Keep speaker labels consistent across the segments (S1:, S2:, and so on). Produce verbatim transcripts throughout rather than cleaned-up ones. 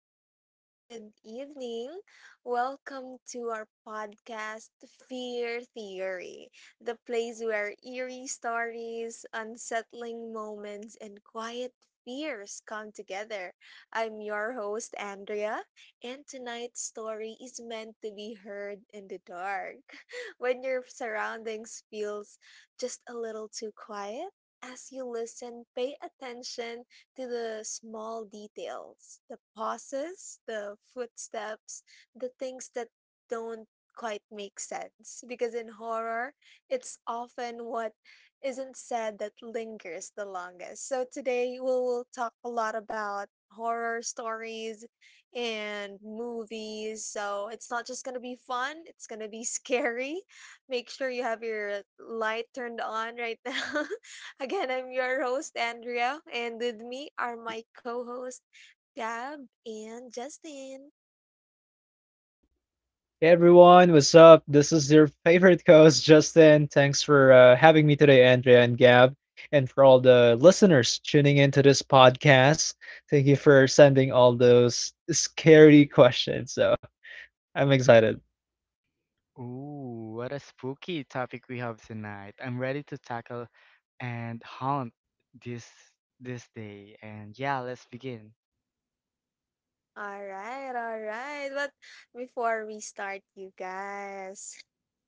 S1: guys. Good evening. Welcome to our podcast, Fear Theory, the place where eerie stories, unsettling moments, and quiet fears come together. I'm your host, Andrea, and tonight's story is meant to be heard in the dark. When your surroundings feels just a little too quiet, as you listen, pay attention to the small details, the pauses, the footsteps, the things that don't quite make sense. Because in horror, it's often what isn't said that lingers the longest. So today we'll, we'll talk a lot about horror stories and movies. So it's not just going to be fun, it's going to be scary. Make sure you have your light turned on right now. Again, I'm your host, Andrea, and with me are my co host, Gab and Justin.
S2: Hey everyone, what's up? This is your favorite host, Justin. Thanks for uh, having me today, Andrea and Gab, and for all the listeners tuning into this podcast. Thank you for sending all those scary questions. So I'm excited.
S3: Ooh, what a spooky topic we have tonight. I'm ready to tackle and haunt this this day. And yeah, let's begin.
S1: All right, all right. But before we start, you guys,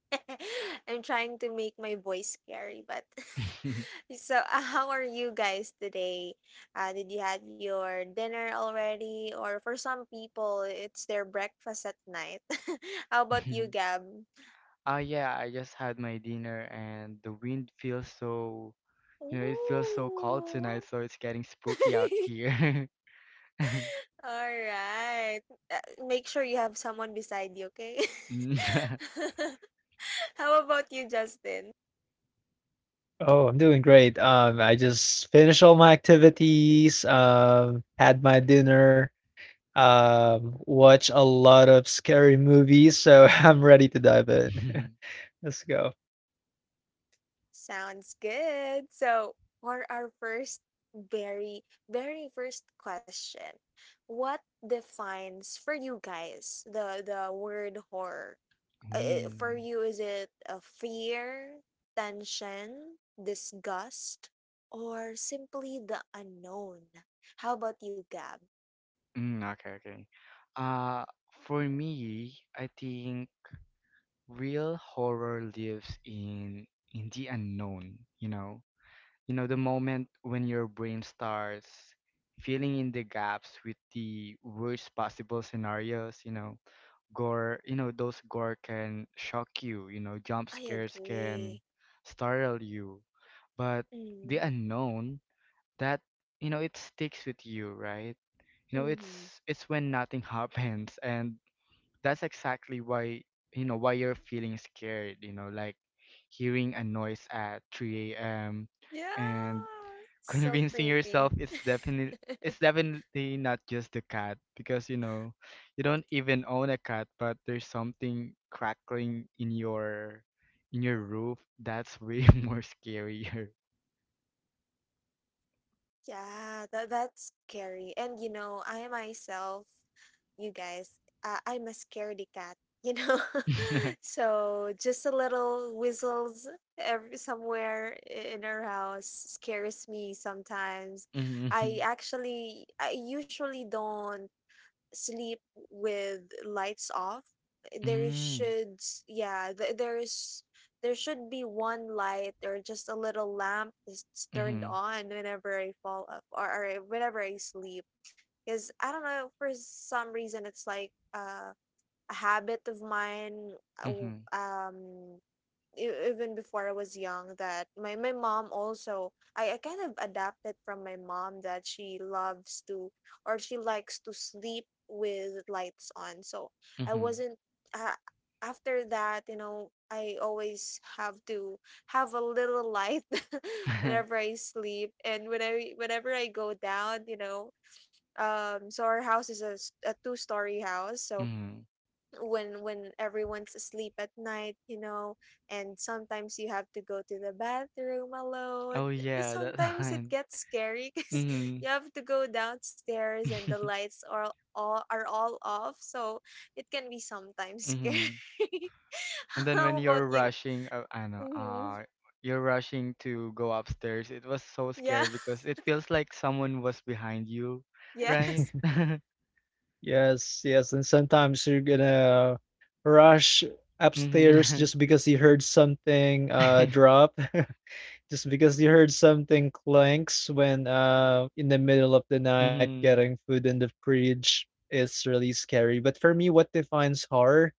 S1: I'm trying to make my voice scary, but so, uh, how are you guys today? Uh, did you had your dinner already? Or for some people, it's their breakfast at night. How about you, Gab?
S3: Oh yeah, I just had my dinner and the wind feels so, you know, it feels so
S1: Ooh.
S3: cold tonight, so it's getting spooky out here.
S1: Alright. Uh, Make sure you have someone beside you, okay?
S3: Mm,
S1: How about you, Justin?
S2: Oh, I'm doing great. Um, I just finished all my activities, um, had my dinner, um, watch a lot of scary movies. So I'm ready to dive in. Let's go.
S1: Sounds good. So, for our first very, very first question, what defines for you guys the the word horror? Uh, uh, for
S3: mm,
S1: you, is it a fear, tension, disgust, or simply the unknown? How about you, Gab?
S3: mm, okay, okay. Uh, for me, I think real horror lives in in the unknown. You know, you know, the moment when your brain starts filling in the gaps with the worst possible scenarios, you know, gore, you know, those gore can shock you, you know, jump
S1: I
S3: scares can
S1: agree.
S3: startle you, but the
S1: Mhm.
S3: unknown, that, you know, it sticks with you, right? You know,
S1: Mhm.
S3: it's it's when nothing happens, and that's exactly why, you know, why you're feeling scared, you know, like hearing a noise at three a m a.m,
S1: Yeah,
S3: and
S1: so
S3: convincing
S1: creepy.
S3: yourself it's definitely it's definitely not just the cat, because you know you don't even own a cat, but there's something crackling in your in your roof. That's way more scarier.
S1: Yeah, that that's scary. And you know, I myself, you guys, uh, I'm a scaredy cat, you know.
S3: mm-hmm.
S1: So just a little whistles every somewhere i- in our house scares me sometimes. I actually I usually don't sleep with lights off, eh, there
S3: Mm-hmm.
S1: should yeah, th- there's there should be one light or just a little lamp that's turned
S3: Mm-hmm.
S1: on whenever I fall up, or, or eh, whenever I sleep, because I don't know, for some reason it's like uh, a habit of mine. uh, w-
S3: Mm-hmm.
S1: um e- Even before I was young, that my my mom also, I, I kind of adapted from my mom that she loves to or she likes to sleep with lights on. So I wasn't uh, after that, you know, I always have to have a little light whenever I sleep, and when I whenever I go down, you know, um so our house is a, s- a two-story house, so
S3: Mm-hmm.
S1: when when everyone's asleep at night, you know, and sometimes you have to go to the bathroom alone.
S3: Oh
S1: Eh,
S3: yeah, that
S1: sometimes it
S3: line.
S1: gets scary because
S3: Mm-hmm.
S1: you have to go downstairs and the lights are all are all off, so it can be sometimes scary.
S3: hmm. And then when
S1: How about
S3: you're
S1: you?
S3: rushing, uh, I know,
S1: Hmm.
S3: uh, you're rushing to go upstairs. It was so
S1: Yeah.
S3: scary because it feels like someone was behind you,
S1: Yes,
S3: right?
S2: Yes, yes, and sometimes you're gonna rush upstairs
S3: Mm-hmm.
S2: just because you heard something uh drop, just because you heard something clanks when uh in the middle of the night
S3: Mm-hmm.
S2: getting food in the fridge is really scary. But for me, what defines horror,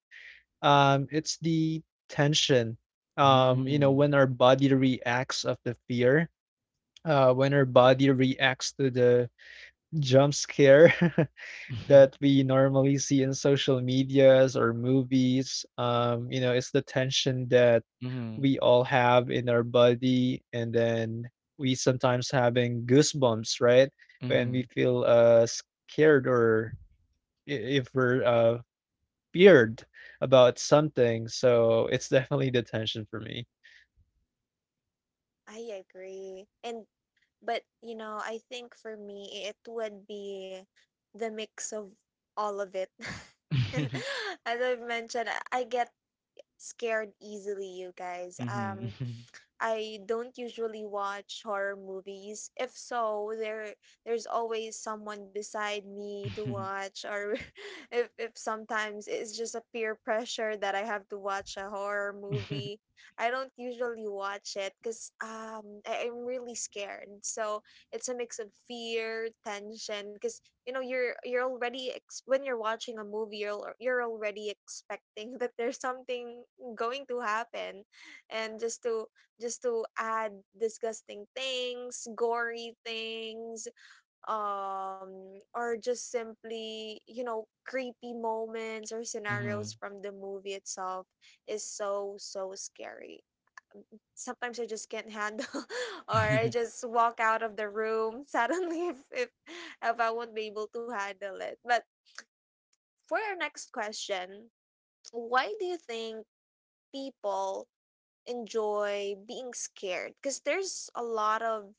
S2: um, it's the tension. Um, you know,
S3: Mm-hmm.
S2: when our body reacts of the fear, uh, when our body reacts to the jump scare. That we normally see in social medias or movies. Um, you know, it's the tension that
S3: Mm-hmm.
S2: we all have in our body, and then we sometimes having goosebumps, right? When we
S3: Mm-hmm.
S2: feel uh scared or i- if we're uh feared about something. So it's definitely the tension for me.
S1: I agree. And but you know I think for me it would be the mix of all of it. As
S3: Mm-hmm.
S1: I've mentioned, i I get scared easily, you guys. um I don't usually watch horror movies. If so, there there's always someone beside me to
S3: Mm-hmm.
S1: watch, or if if sometimes it's just a peer pressure that I have to watch a horror movie. I don't usually watch it cuz um I, I'm really scared. So, it's a mix of fear, tension, cuz you know you're you're already ex- when you're watching a movie, you're, al- you're already expecting that there's something going to happen, and just to just to add disgusting things, gory things, um, or just simply, you know, creepy moments or scenarios
S3: Mm-hmm.
S1: from the movie itself is so, so scary. Sometimes I just can't handle, or I just walk out of the room suddenly if, if, if I won't be able to handle it. But for our next question, why do you think people enjoy being scared, because there's a lot of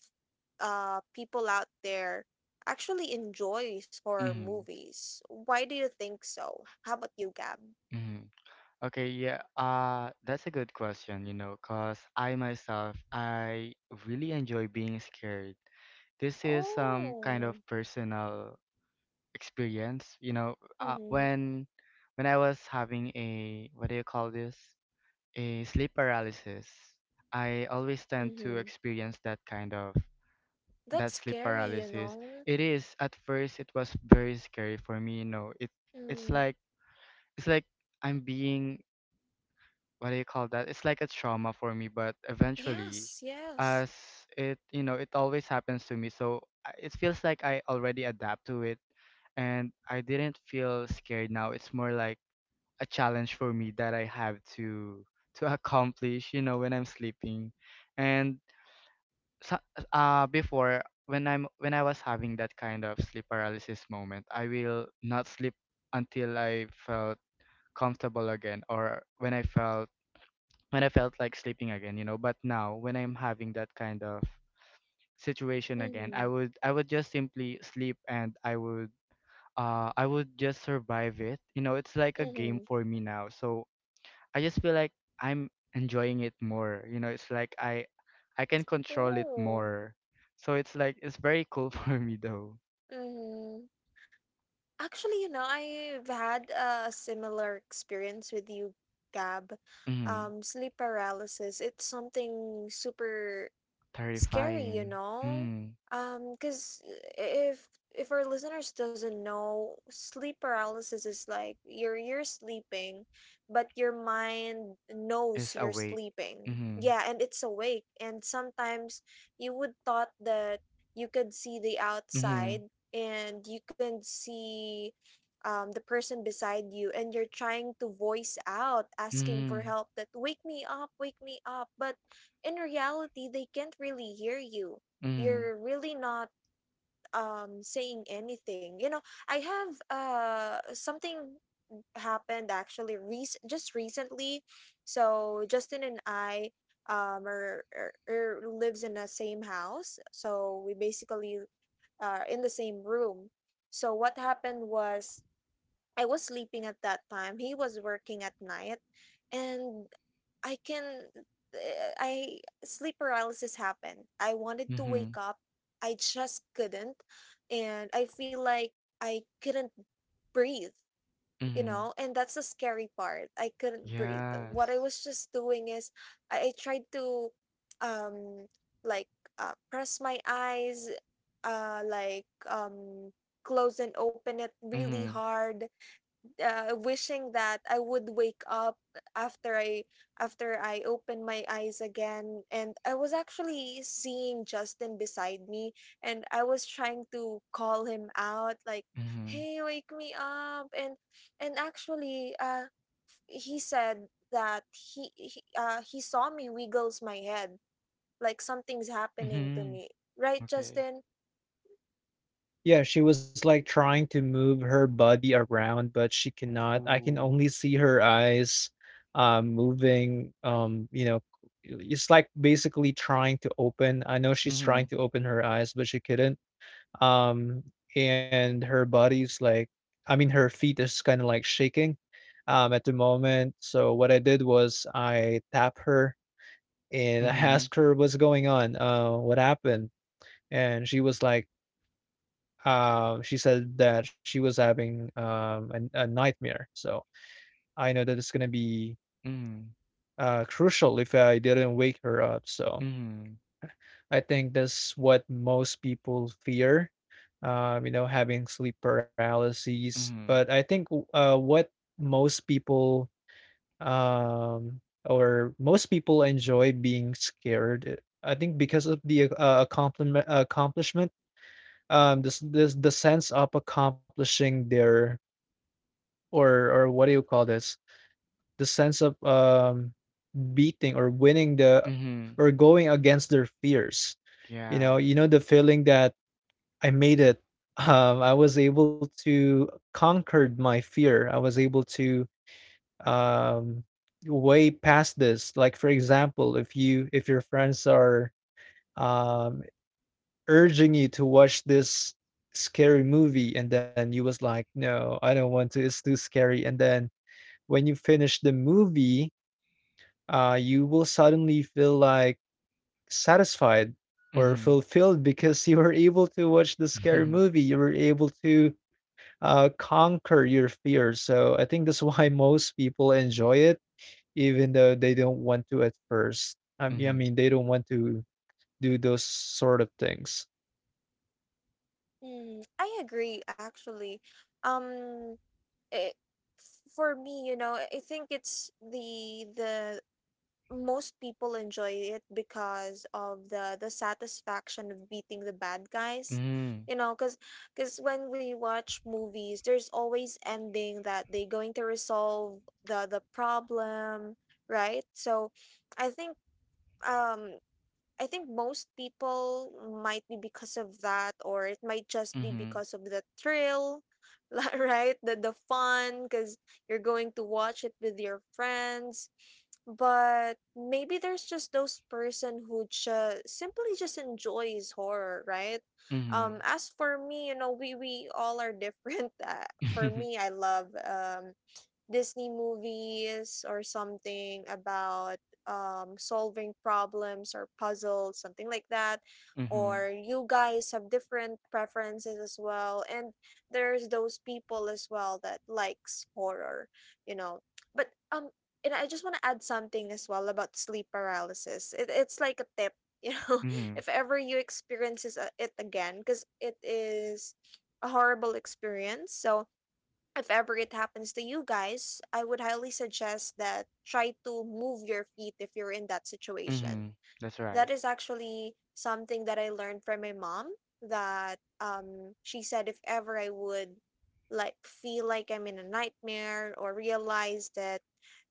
S1: uh people out there actually enjoys horror
S3: Mm-hmm.
S1: movies. Why do you think so? How about you, Gab?
S3: Mm-hmm. Okay, yeah, uh, that's a good question, you know, because I myself, I really enjoy being scared. This is some kind of
S1: Oh.
S3: personal experience, you know, uh,
S1: Mhm.
S3: when when I was having a, what do you call this? A sleep paralysis. I always tend to
S1: Mhm.
S3: experience that kind of that
S1: That's
S3: sleep
S1: scary, you
S3: paralysis.
S1: know.
S3: It is, at first it was very scary for me, you know. It it's
S1: Mm.
S3: like it's like I'm being, what do you call that? It's like a trauma for me, but eventually,
S1: Yes, yes.
S3: as it, you know, it always happens to me. So I- it feels like I already adapt to it, and I didn't feel scared now. It's more like a challenge for me that I have to to accomplish, you know, when I'm sleeping. And so, uh before, when I'm when I was having that kind of sleep paralysis moment, I will not sleep until I felt comfortable again, or when I felt when I felt like sleeping again, you know. But now when I'm having that kind of situation again, I
S1: Mhm.
S3: would I would just simply sleep, and I would uh I would just survive it. You know, it's like a game
S1: Mhm.
S3: for me now. So I just feel like I'm enjoying it more. You know, it's like I I can control it
S1: Oh.
S3: more. So it's like it's very cool for me though.
S1: Mhm. Actually, you know, I've had a similar experience with you, Gab.
S3: Mm,
S1: Um, sleep paralysis, it's something super scary, you
S3: terrifying.
S1: know?
S3: Mm,
S1: Um, because if if our listeners doesn't know, sleep paralysis is like you're you're sleeping, but your mind
S3: is
S1: knows you're
S3: awake.
S1: sleeping.
S3: Mm,
S1: Yeah, and it's awake. And sometimes you would thought that you could see the
S3: mm,
S1: outside, and you can see um, the person beside you, and you're trying to voice out, asking for
S3: mm,
S1: help, that wake me up, wake me up, but in reality they can't really hear you,
S3: mm,
S1: you're really not um saying anything, you know. I have uh Something happened actually, rec- just recently. So Justin and I, um are, are, are lives in the same house, so we basically are in the same room. So what happened was, I was sleeping at that time. He was working at night, and I can eh, I sleep paralysis happened. I wanted to
S3: mm,
S1: wake up. I just couldn't, and I feel like I couldn't breathe, you
S3: mm.
S1: know, and that's the scary part. I couldn't breathe.
S3: Yes.
S1: What I was just doing is, I, I tried to um like uh, press my eyes, uh like um close and open it really
S3: Mhm.
S1: hard, uh, wishing that I would wake up. After I after I open my eyes again, and I was actually seeing Justin beside me, and I was trying to call him out like,
S3: Mhm.
S1: hey, wake me up. And and actually uh he said that he, he uh he saw me wiggles my head, like something's happening to
S3: Mhm.
S1: me, right,
S3: Okay.
S1: Justin?
S2: Yeah, she was like trying to move her body around, but she cannot. I can
S3: Ooh.
S2: only see her eyes um moving um you know, it's like basically trying to open. I know she's trying
S3: Mhm.
S2: to open her eyes, but she couldn't. Um and her body's like, I mean, her feet is kind of like shaking um at the moment. So what I did was I tap her and I
S3: Mhm.
S2: asked her what's going on. Uh, what happened? And she was like uh, she said that she was having um, a, a nightmare. So I know that it's gonna be
S3: Mhm.
S2: uh, crucial if I didn't wake her up. So
S3: Mhm.
S2: I think that's what most people fear, um, you know, having sleep paralysis. But
S3: Mhm.
S2: I think uh, what most people um, or most people enjoy being scared. I think because of the uh, accomplishment, accomplishment, um, this, this the sense of accomplishing their or or what do you call this? The sense of um beating or winning the
S3: Mhm.
S2: or going against their fears. You
S3: Yeah.
S2: know, you know the feeling that I made it. Um, I was able to conquered my fear. I was able to um way past this. Like for example, if you if your friends are um urging you to watch this scary movie, and then you was like, no, I don't want to, it's too scary. And then when you finish the movie, uh, you will suddenly feel like satisfied or
S3: Mhm.
S2: fulfilled, because you were able to watch the scary movie. You were able to uh, conquer your fears. So I think that's why most people enjoy it, even though they don't want to at first. I mean, I
S3: Mhm.
S2: mean they don't want to do those sort of things.
S1: Mm, I agree actually. um it, for me, you know, I think it's the the most people enjoy it because of the the satisfaction of beating the bad guys.
S3: Mhm.
S1: You know, cuz cuz when we watch movies, there's always ending that they going to resolve the the problem, right? So I think um I think most people might be because of that, or it might just be
S3: Mhm.
S1: because of the thrill. Li- right? The the fun, because you're going to watch it with your friends. But maybe there's just those person who just simply just enjoys horror, right?
S3: Mhm.
S1: Um, as for me, you know, we we all are different. Uh, for
S3: Mhm.
S1: me, I love um Disney movies, or something about um, solving problems or puzzles, something like that.
S3: Mhm.
S1: Or you guys have different preferences as well. And there's those people as well that likes horror, you know. But um and I just want to add something as well about sleep paralysis. It, it's like a tip, you know,
S3: Mhm. Mhm.
S1: if ever you experiences uh, it again, because it is a horrible experience. So if ever it happens to you guys, I would highly suggest that try to move your feet if you're in that situation.
S3: That's right.
S1: That is actually something that I learned from my mom that um she said if ever I would like feel like I'm in a nightmare, or realize that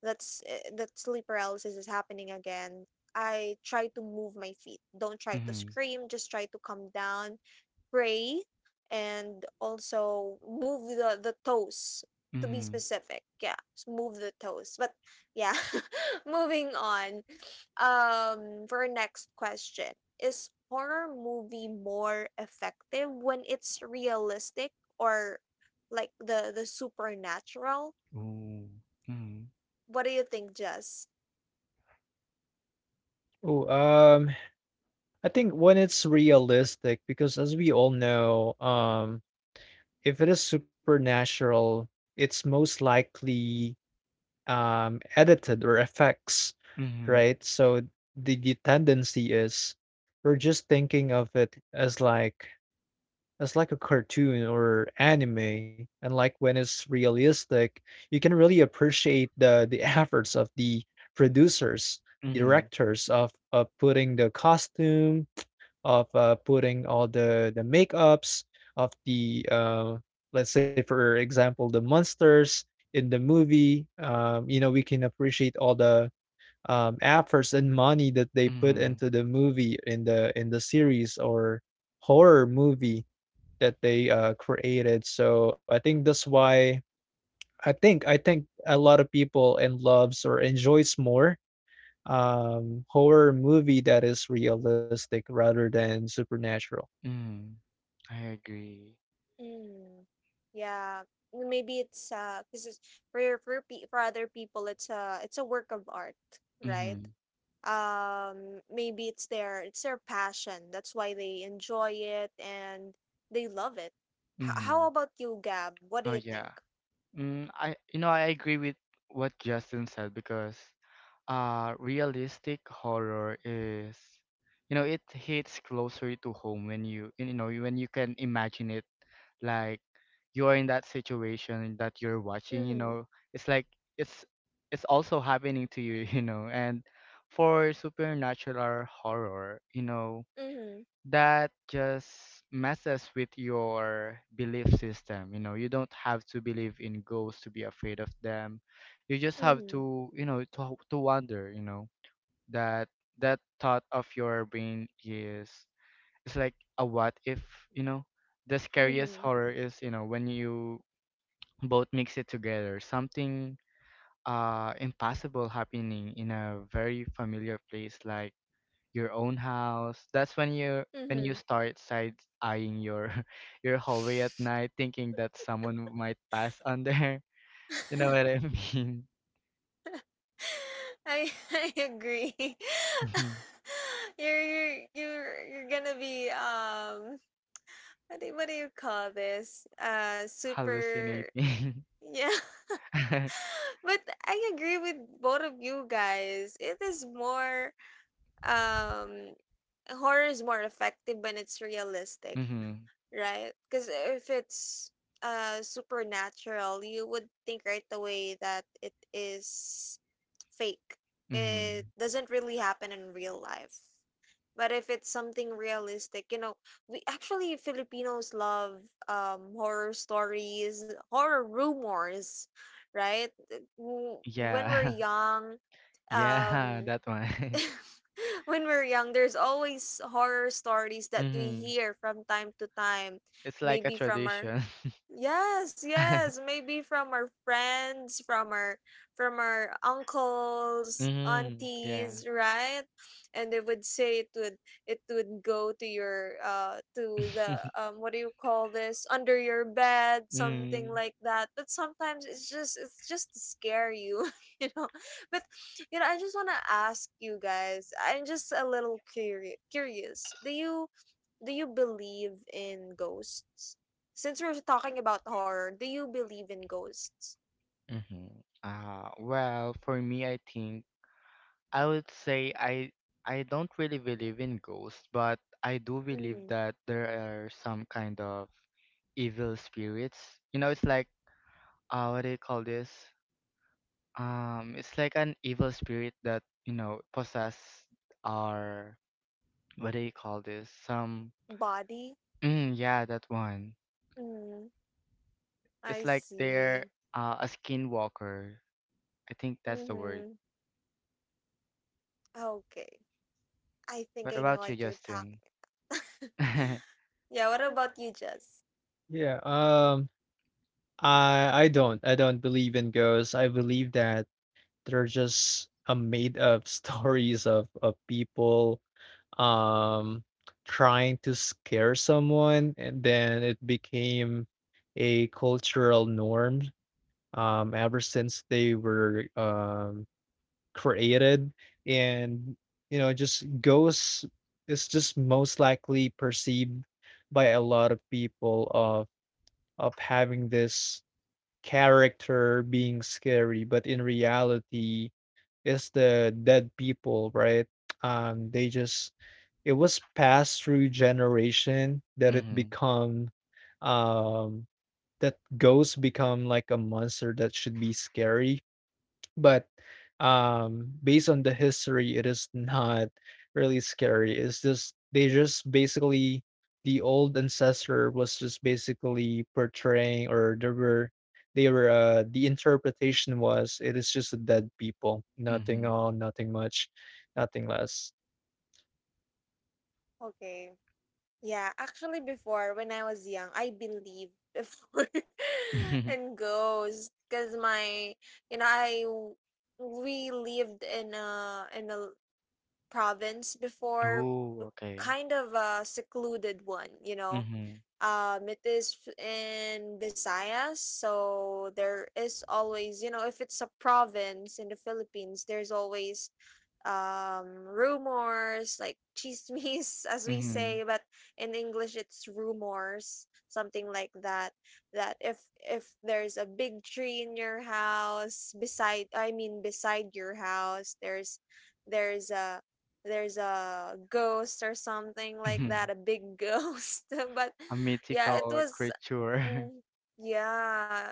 S1: that's eh, that sleep paralysis is happening again, I try to move my feet. Don't try to
S3: Mhm.
S1: scream, just try to calm down, pray, and also move the, the toes, to be
S3: Mhm.
S1: specific. Yeah, s- move the toes. But yeah, moving on, um for our next question, is horror movie more effective when it's realistic, or like the the supernatural?
S3: Ooh. Mhm.
S1: What do you think, Jess?
S2: Oh, um, I think when it's realistic, because as we all know, um, if it is supernatural, it's most likely um, edited or effects,
S3: Mhm.
S2: right? So the, the tendency is we're just thinking of it as like as like a cartoon or anime, and like when it's realistic, you can really appreciate the the efforts of the producers,
S3: Mhm.
S2: directors of of putting the costume, of uh, putting all the the makeups of the uh, let's say for example the monsters in the movie. Um, you know, we can appreciate all the um, efforts and money that they put
S3: Mhm.
S2: into the movie, in the in the series or horror movie that they uh, created. So I think that's why i think i think a lot of people and loves or enjoys more um horror movie that is realistic rather than supernatural.
S3: Mhm. I agree.
S1: Mm, yeah, maybe it's uh because for for, pe- for other people it's a it's a work of art, right?
S3: Mhm.
S1: Um maybe it's their it's their passion, that's why they enjoy it and they love it. H- how
S3: Mhm.
S1: about you, Gab? What do
S3: Oh
S1: you think?
S3: yeah. Mm, I, you know, I agree with what Justin said, because uh realistic horror is, you know, it hits closer to home when you you know, when you can imagine it, like, you are in that situation that you're watching, you
S1: Mm-hmm.
S3: know. It's like it's it's also happening to you, you know. And for supernatural horror, you know,
S1: Mm-hmm.
S3: that just messes with your belief system. You know, you don't have to believe in ghosts to be afraid of them, you just have
S1: Mm-hmm.
S3: to, you know, to, to wonder, you know, that that thought of your brain is, it's like a what if, you know. The scariest
S1: Mm-hmm.
S3: horror is, you know, when you both mix it together, something uh impossible happening in a very familiar place, like your own house. That's when you when you start side eyeing your your hallway at night, thinking that someone might pass on there. You know
S1: Mm-hmm.
S3: what I mean?
S1: I I agree. you're you're you're you're gonna be, um what do, what do you call this, uh super...
S3: Hallucinating.
S1: Yeah. But I agree with both of you guys, it is more um horror is more effective when it's realistic,
S3: mm-hmm.
S1: right? Because if it's uh supernatural, you would think right away that it is fake. It
S3: Mm-hmm.
S1: doesn't really happen in real life. But if it's something realistic, you know, we actually, Filipinos love um horror stories, horror rumors, right? Uh, w- When we're
S3: Yeah.
S1: young,
S3: Yeah,
S1: um
S3: that one.
S1: when we're young, there's always horror stories that we
S3: mm-hmm.
S1: hear from time to time,
S3: It's like a
S1: maybe from our...
S3: tradition.
S1: Yes, yes. Maybe from our friends, from our from our uncles,
S3: mm-hmm. Yeah.
S1: aunties, right? And they would say it would it would go to your uh to the, um what do you call this? Under your bed, something
S3: mm-hmm.
S1: like that. But sometimes it's just it's just to scare you, you know. But you know, I just wanna ask you guys, I'm just a little curious curious. Do you do you believe in ghosts? Since we're talking about horror, do you believe in ghosts?
S3: Mm-hmm. Uh, well, for me, I think I would say I I don't really believe in ghosts, but I do believe
S1: Mhm.
S3: that there are some kind of evil spirits. You know, it's like, uh, what do you call this? Um, it's like an evil spirit that, you know, possess our, what do you call this? Some,
S1: Body?
S3: mm, yeah, that one.
S1: Mhm.
S3: It's
S1: I
S3: like they're,
S1: see.
S3: uh, a skinwalker. I think that's the word.
S1: Mhm. Okay. I think
S3: What
S1: I know
S3: about you,
S1: what you're
S3: Justin?
S1: talking about. Yeah, what about you, Jess?
S2: Yeah, um, I I don't, I don't believe in ghosts. I believe that they're just a made up stories of of people um trying to scare someone, and then it became a cultural norm um ever since they were um created. And you know, just ghosts is just most likely perceived by a lot of people of of having this character being scary, but in reality, it's the dead people, right? Um, they just, it was passed through generation that it
S3: mm-hmm.
S2: become um that ghosts become like a monster that should be scary. But, um, based on the history, it is not really scary. It's just they just basically the old ancestor was just basically portraying, or there were they were uh the interpretation was it is just a dead people. Nothing
S3: Mm-hmm.
S2: all, nothing much, nothing less.
S1: Okay. Yeah, actually before when I was young, I believed before and ghosts. Cause my you know, I w- we lived in a in a province before,
S3: oh, okay.
S1: kind of a secluded one, you know,
S3: Mhm,
S1: um it is f- in Visayas, so there is always, you know, if it's a province in the Philippines, there's always um rumors like chismes as we
S3: mhm,
S1: say, but in English it's rumors, something like that. That if if there's a big tree in your house beside, I mean beside your house, there's there's a there's a ghost or something like
S3: mhm.
S1: that, a big ghost. But
S3: A
S1: yeah, it
S3: mythical
S1: was
S3: creature.
S1: mm, yeah.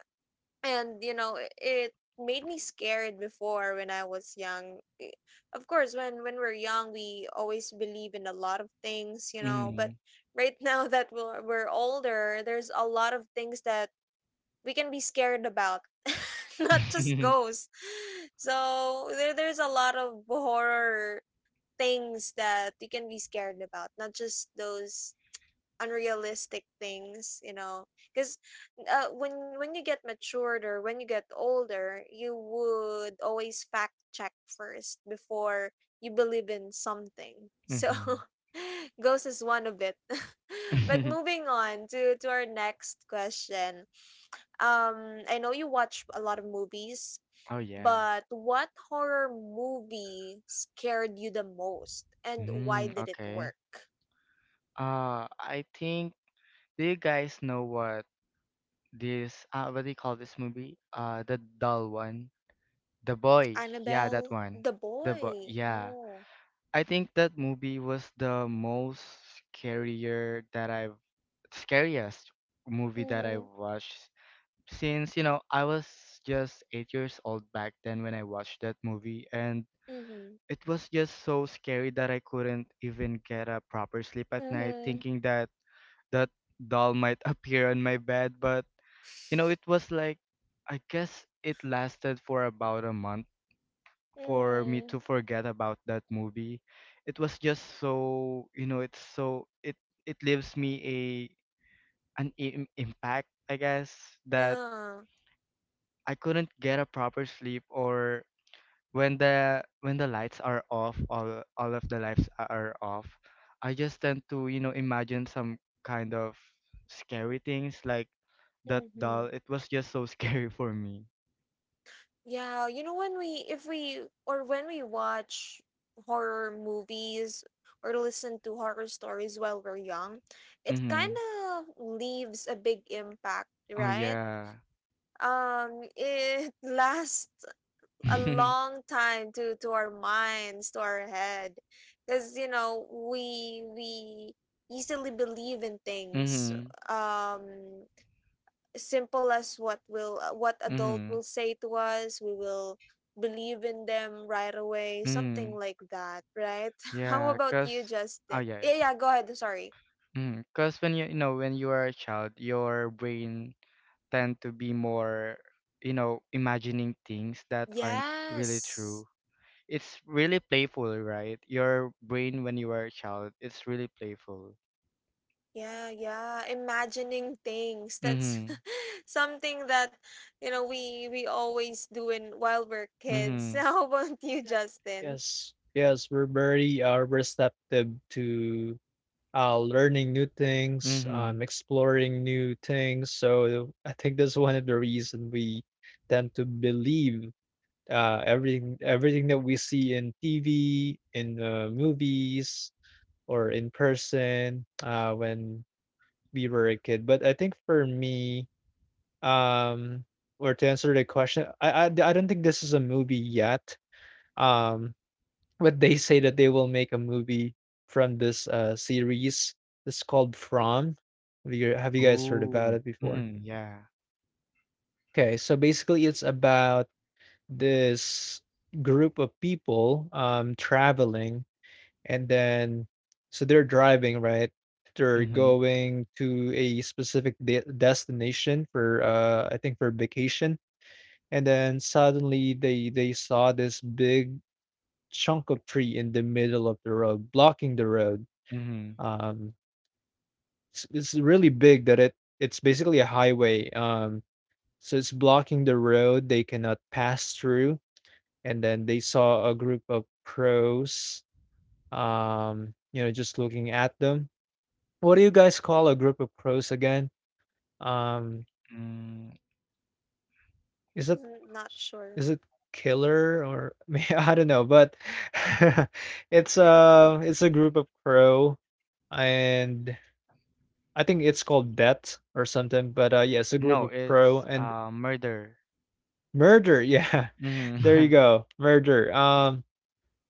S1: And you know, i- it made me scared before when I was young. I- Of course, when when we're young, we always believe in a lot of things, you know, but
S3: Mm.
S1: right, now that we're, we're older, there's a lot of things that we can be scared about. Not just ghosts. So there there's a lot of horror things that we can be scared about, not just those unrealistic things, you know, because uh, when when you get matured, or when you get older, you would always fact check first before you believe in something. So
S3: Mhm.
S1: ghost is one of it, but moving on to to our next question. Um I know you watch a lot of movies,
S3: Oh yeah.
S1: but what horror movie scared you the most, and why
S3: Mm,
S1: did it
S3: okay.
S1: work?
S3: Uh, I think, do you guys know what this uh what do you call this movie? Uh, the doll one, the boy. Yeah, that
S1: Annabelle,
S3: one.
S1: the
S3: The boy.
S1: boy.
S3: Yeah.
S1: Oh.
S3: I think that movie was the most scarier that I've scariest movie that I
S1: Mhm.
S3: watched, since, you know, I was just eight years old back then when I watched that movie, and
S1: Mhm.
S3: it was just so scary that I couldn't even get a proper sleep at night,
S1: Mhm.
S3: thinking that that doll might appear on my bed. But you know, it was like I guess it lasted for about a month for me
S1: Mhm.
S3: to forget about that movie. It was just so, you know, it's so it it leaves me a an im impact, I guess, that
S1: Uh,
S3: I couldn't get a proper sleep, or when the when the lights are off, all all of the lights are off, I just tend to, you know, imagine some kind of scary things like that doll.
S1: mhm.
S3: It was just so scary for me.
S1: Yeah, you know, when we, if we or when we watch horror movies or listen to horror stories while we're young, it kind
S3: Mhm.
S1: of leaves a big impact,
S3: Oh
S1: right?
S3: yeah.
S1: Um, it lasts a long time to to our minds, to our head, because you know, we we easily believe in things.
S3: mhm.
S1: Um, simple as what will uh, what adult will
S3: Mhm.
S1: say to us, we will believe in them right away, something
S3: Mm.
S1: like that, right? How
S3: Yeah,
S1: about
S3: cause
S1: you,
S3: oh
S1: Justin?
S3: yeah.
S1: Yeah, yeah, go ahead, sorry.
S3: Mm. Cause when you, you know, when you are a child, your brain tend to be more, you know, imagining things that aren't really
S1: Yes.
S3: true. It's really playful, right? Your brain when you were a child, it's really playful.
S1: Yeah, yeah. Imagining things. That's
S3: Mm-hmm.
S1: something that, you know, we we always do in while we're kids.
S3: Mm-hmm.
S1: How about you, Justin?
S2: Yes. Yes, we're very uh receptive to uh, learning new things,
S3: Mm-hmm.
S2: um, exploring new things. So I think that's one of the reason we tend to believe uh, everything everything that we see in T V, in uh, movies, or in person uh, when we were a kid. But I think for me, um, or to answer the question, I, I I don't think this is a movie yet. Um, but they say that they will make a movie from this uh series. It's called From. Have you have you guys heard about
S3: Ooh.
S2: it before?
S3: Mm-hmm. Yeah.
S2: Okay, so basically it's about this group of people um traveling and then, so they're driving, right? They're
S3: Mm-hmm.
S2: going to a specific de- destination for uh I think for vacation, and then suddenly they they saw this big chunk of tree in the middle of the road blocking the road.
S3: Mm-hmm.
S2: Um, it's, it's really big, that it it's basically a highway. Um, so it's blocking the road; they cannot pass through. And then they saw a group of crows. Um, you know, just looking at them. What do you guys call a group of crows again? Um,
S3: Mm.
S2: is it
S1: Mm, not sure.
S2: is it killer or may- I don't know, but it's a it's a group of crow, and I think it's called bet or something. But uh, yeah, it's a group
S3: No,
S2: of crow,
S3: it's
S2: and
S3: uh murder.
S2: Murder, yeah. There
S3: Mm-hmm.
S2: you go. Murder. Um,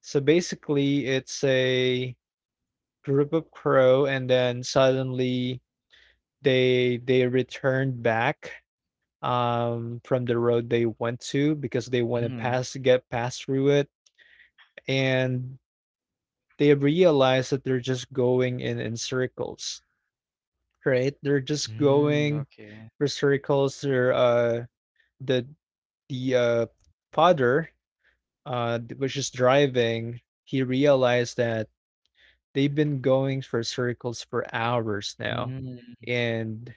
S2: So basically it's a group of crow, and then suddenly they they returned back um from the road they went to, because they want to
S3: Mm-hmm.
S2: pass get past through it, and they realize that they're just going in in circles, right? They're just
S3: Mm, okay.
S2: going for circles. They're uh the the uh father uh, was just driving, he realized that they've been going for circles for hours now,
S3: Mm,
S2: and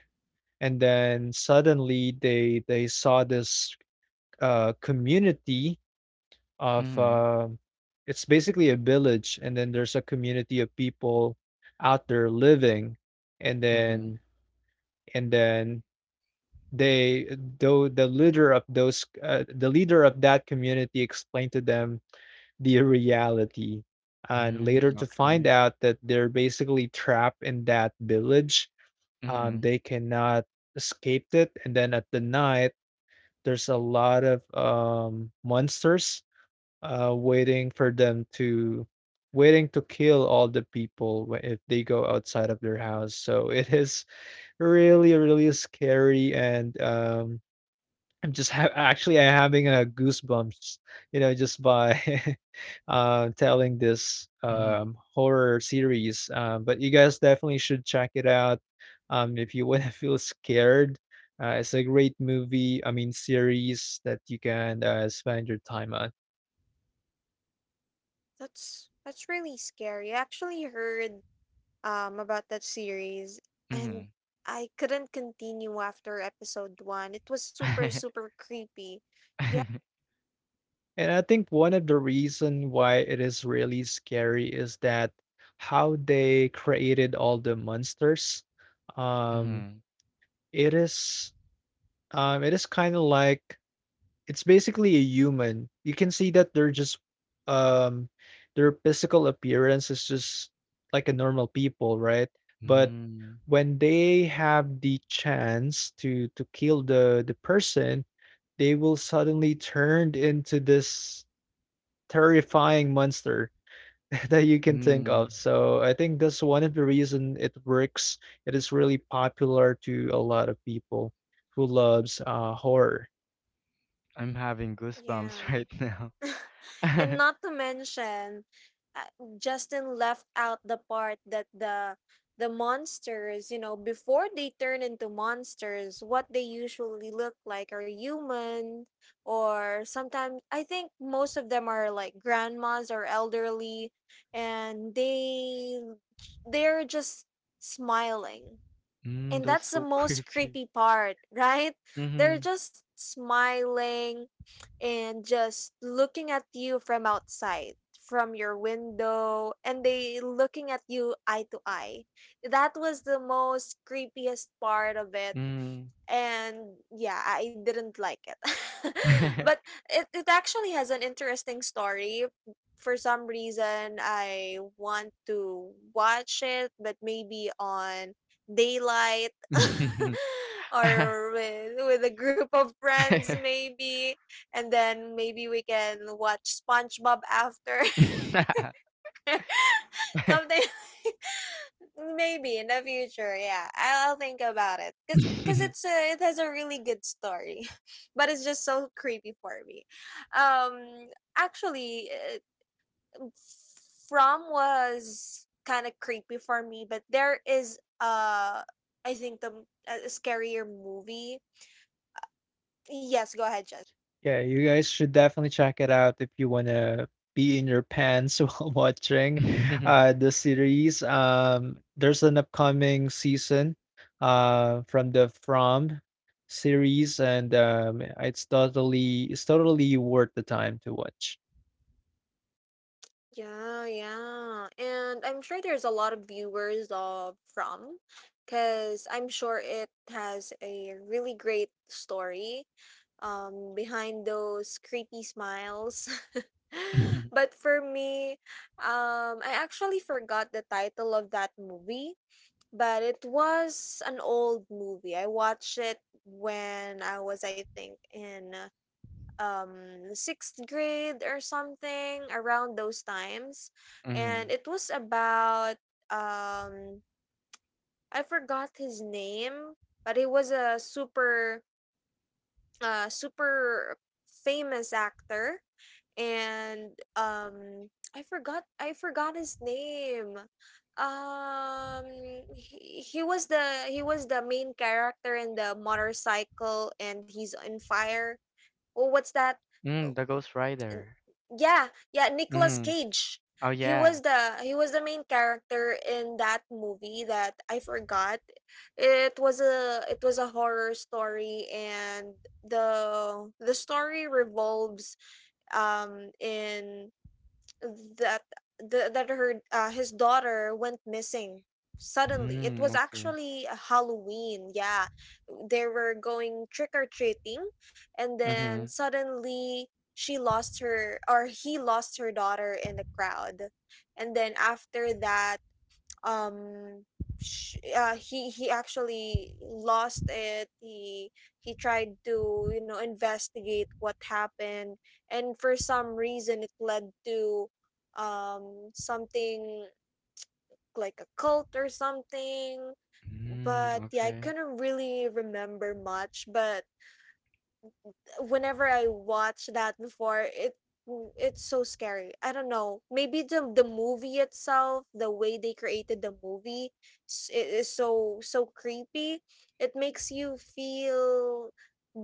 S2: and then suddenly they they saw this uh, community of
S3: mm-hmm.
S2: uh, it's basically a village, and then there's a community of people out there living, and
S3: Mm-hmm.
S2: then and then they though the leader of those uh, the leader of that community explained to them the reality, and later
S3: Mm,
S2: to find
S3: okay.
S2: out that they're basically trapped in that village. Um,
S3: Mm-hmm.
S2: they cannot escape it. And then at the night, there's a lot of um, monsters uh, waiting for them to waiting to kill all the people wh- if they go outside of their house. So it is really really scary, and um, I'm just ha actually, I'm having a goosebumps, you know, just by uh, telling this
S3: Mm-hmm.
S2: um, horror series. Um, but you guys definitely should check it out um, if you want to feel scared. Uh, it's a great movie, I mean, series that you can uh, spend your time on.
S1: That's that's really scary. I actually heard um about that series, and I couldn't continue after episode one. It was super,
S3: Mm-hmm.
S1: super creepy. Yeah.
S2: And I think one of the reason why it is really scary is that how they created all the monsters. Um,
S3: Mm-hmm.
S2: it is um, it is kind of like, it's basically a human. You can see that they're just um their physical appearance is just like a normal people, right? But
S3: Mm,
S2: when they have the chance to to kill the the person, they will suddenly turned into this terrifying monster that you can think of.
S3: mm.
S2: So I think that's one of the reason it works. It is really popular to a lot of people who loves uh, horror.
S3: I'm having
S1: Yeah.
S3: goosebumps right now.
S1: And not to mention, uh, Justin left out the part that the the monsters, you know, before they turn into monsters, what they usually look like are human, or sometimes I think most of them are like grandmas or elderly, and they, they're just smiling.
S3: Mm,
S1: And
S3: that's
S1: that's the
S3: so
S1: most
S3: creepy.
S1: creepy part, right? They're
S3: Mm-hmm.
S1: just smiling and just looking at you from outside, from your window, and they looking at you eye to eye. That was the most creepiest part of it.
S3: Mm.
S1: And yeah, I didn't like it. But it, it actually has an interesting story. For some reason I want to watch it, but maybe on daylight, or with with a group of friends maybe, and then maybe we can watch SpongeBob after. Something. Maybe in the future, yeah. I'll, I'll think about it. Cause, cause it's a, it has a really good story, but it's just so creepy for me. Um, Actually, uh, From was kind of creepy for me, but there is uh, I think the m- a a scarier movie. Yes, go ahead.
S2: Yeah, you guys should definitely check it out if you wanna be in your pants while watching, uh, the series. Um, there's an upcoming season, uh, from the From series, and, um, it's totally it's totally worth the time to watch.
S1: Yeah, yeah. And I'm sure there's a lot of viewers of From, because I'm sure it has a really great story um behind those creepy smiles. But for me, um I actually forgot the title of that movie, but it was an old movie. I watched it when I was, I think, in um sixth grade or something around those times. And
S3: Mm.
S1: it was about, um I forgot his name, but he was a super uh super famous actor. And um I forgot, i forgot his name. um he, he was the, he was the main character in the motorcycle and he's on fire. Oh, what's that?
S3: Mm, the Ghost
S1: N-
S3: Rider.
S1: yeah, yeah, Nicolas
S3: Mm.
S1: Cage.
S3: Oh
S1: He was
S3: yeah.
S1: the, he was the main character in that movie that I forgot. It was a, it was a horror story. And the the story revolves um in that, the, that her, uh, his daughter went missing. Suddenly, it
S3: Mm,
S1: was
S3: okay.
S1: actually a Halloween, yeah. They were going trick or treating, and then
S3: Mm-hmm.
S1: suddenly she lost her, or he lost her daughter in the crowd. And then after that, um sh- uh, he he actually lost it. he he tried to, you know, investigate what happened, and for some reason it led to um something like a cult or something.
S3: Mm,
S1: But yeah, I
S3: okay.
S1: couldn't really remember much. But whenever I watch that before, it it's so scary. I don't know. Maybe the the movie itself, the way they created the movie, s- it is so, so creepy. It makes you feel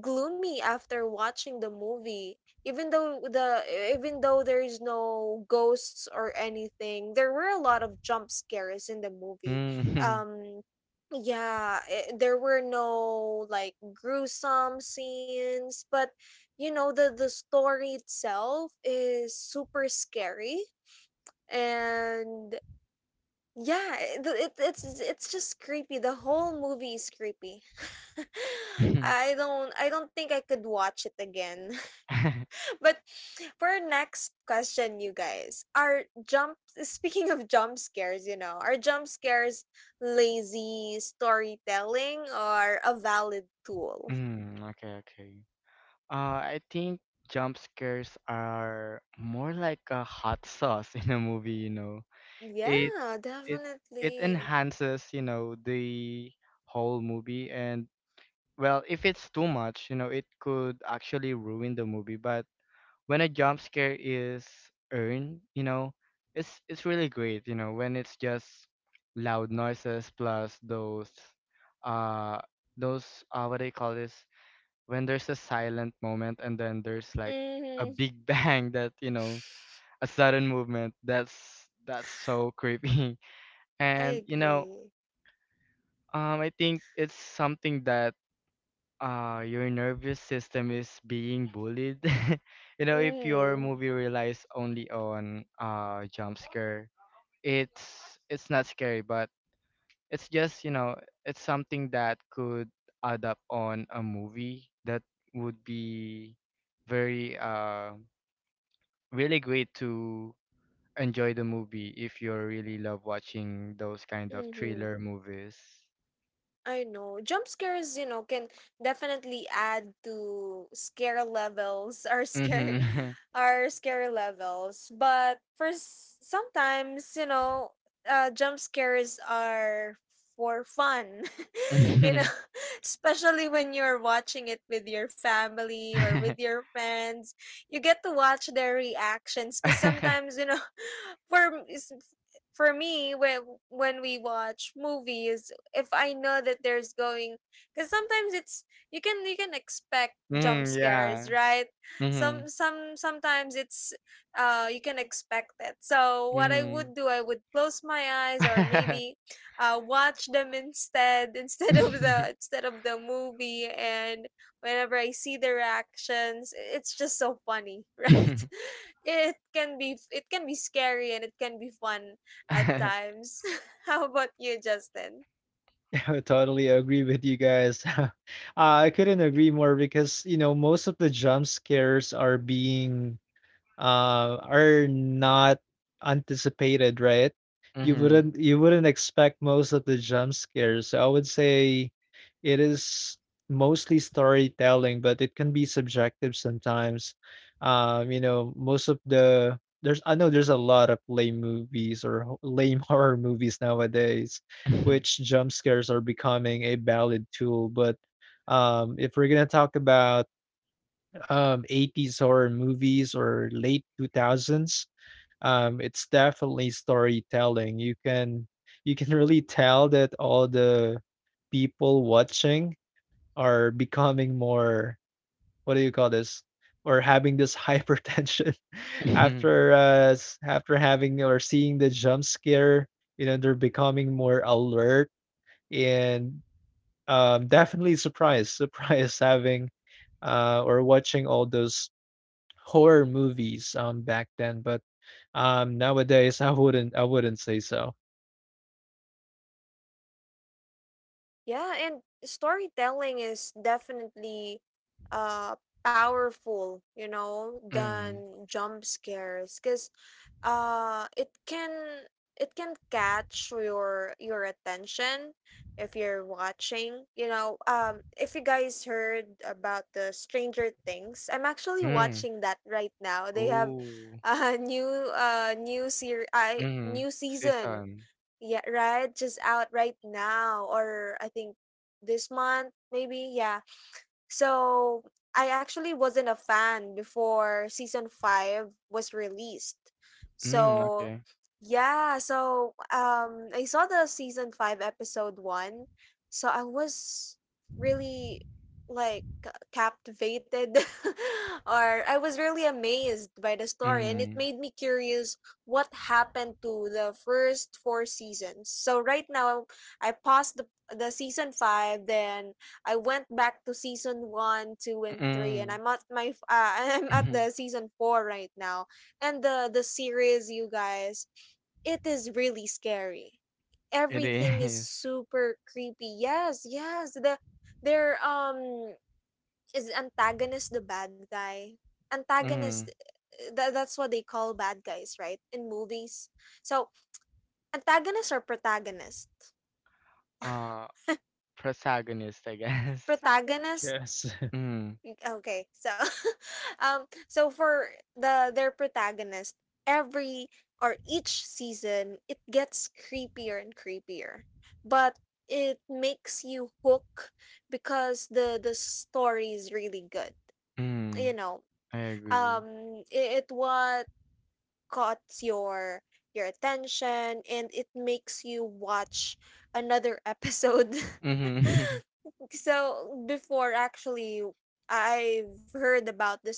S1: gloomy after watching the movie. Even though the e, even though there is no ghosts or anything, there were a lot of jump scares in the movie.
S3: Mm.
S1: um yeah, eh, there were no like gruesome scenes, but you know, the the story itself is super scary. And yeah, eh, the- it, it's it's just creepy. The whole movie is creepy. I don't, I don't think I could watch it again. But for our next question, you guys, are jump speaking of jump scares, you know, are jump scares lazy storytelling or a valid tool?
S3: Mm, okay, okay. Uh, I think jump scares are more like a hot sauce in a movie, you know. It
S1: Yeah,
S3: it it
S1: definitely.
S3: enhances, you know, the whole movie, and well, if it's too much, you know, it could actually ruin the movie, but when a jump scare is earned, you know, it's it's really great, you know, when it's just loud noises plus those uh those uh what do you call this, when there's a silent moment and then there's like a
S1: Mm-hmm.
S3: big bang, that, you know, a sudden movement, that's that's so creepy.
S1: I
S3: and you know,
S1: agree.
S3: um I think it's something that uh your nervous system is being bullied. you know, if your
S1: Mm-hmm.
S3: movie relies only on uh jump scare, it's it's not scary, but it's just, you know, it's something that could add up on a movie, that would be very uh really great to enjoy the movie if you really love watching those kind of thriller movies.
S1: I know. Jump scares, you know, can definitely add to scare levels, or scare
S3: Mm-hmm.
S1: our scare levels. But for s- sometimes, you know, uh, jump scares are for fun. You know, especially when you're watching it with your family or with your friends, you get to watch their reactions because sometimes, you know, for m- is- for me, when when we watch movies, if I know that there's going, because sometimes it's, you can, you can expect jump
S3: mm,
S1: scares,
S3: yeah.
S1: right?
S3: Mm-hmm.
S1: Some, some sometimes it's, uh, you can expect it. So what I
S3: Mm-hmm.
S1: would do, I would close my eyes or maybe uh watch them instead, instead of the, instead of the movie. And whenever I see their actions, i- it's just so funny, right? It can be, it can be scary, and it can be fun at times. How about you, Justin?
S2: I totally agree with you guys. uh, I couldn't agree more because, you know, most of the jump scares are being uh, are not anticipated, right? You
S3: mm-hmm. Mm-hmm.
S2: wouldn't you wouldn't expect most of the jump scares. So I would say it is mostly storytelling, but it can be subjective sometimes. Um, you know, most of the there's I know there's a lot of lame movies or ho- lame horror movies nowadays, which jump scares are becoming a valid tool. But um, if we're gonna talk about um, eighties horror movies or late two thousands um, it's definitely storytelling. You can you can really tell that all the people watching are becoming more, what do you call this, or having this hypertension
S3: Mm-hmm.
S2: after uh s- after having or seeing the jump scare. You know, they're becoming more alert and um definitely surprised surprised having uh or watching all those horror movies um back then. But um nowadays I wouldn't I wouldn't say so.
S1: Yeah, and storytelling is definitely uh powerful, you know,
S3: Mm-hmm.
S1: than jump scares, cuz uh it can, it can catch your your attention if you're watching, you know. Um, if you guys heard about the Stranger Things, I'm actually
S3: mm.
S1: watching that right now. They have
S3: Ooh.
S1: a new uh new ser- I,
S3: Mhm.
S1: new season.
S3: Season.
S1: Yeah, right. Just out right now, or I think this month, maybe. Yeah, so I actually wasn't a fan before season five was released.
S3: Mm,
S1: So
S3: okay.
S1: yeah, so um I saw the season five episode one. So I was really like ca- captivated, or I was really amazed by the story, and it
S3: Mhm.
S1: made me curious what happened to the first four seasons. So right now I paused the the season five, then I went back to season one, 2
S3: Mm.
S1: and 3, and I'm
S3: Mhm.
S1: at my f- uh, I'm at the season four right now. And the the series, you guys, it is really scary.
S3: It
S1: Everything is
S3: is.
S1: super creepy. Yes, yes. The their um is antagonist, the bad guy. Antagonist,
S3: Mm.
S1: eh, tha- that's what they call bad guys, right? In movies. So, antagonists are protagonists.
S3: Uh, Protagonist, I guess.
S1: Protagonists.
S2: Yes.
S3: Mm.
S1: Mm, okay. So um so for the their protagonist, every or each season it gets creepier and creepier. But it makes you hook because the the story is really good. You
S3: Mm.
S1: know,
S3: I agree.
S1: um it, it what caught your your attention, and it makes you watch another episode.
S3: Mhm.
S1: So before, actually, I've heard about this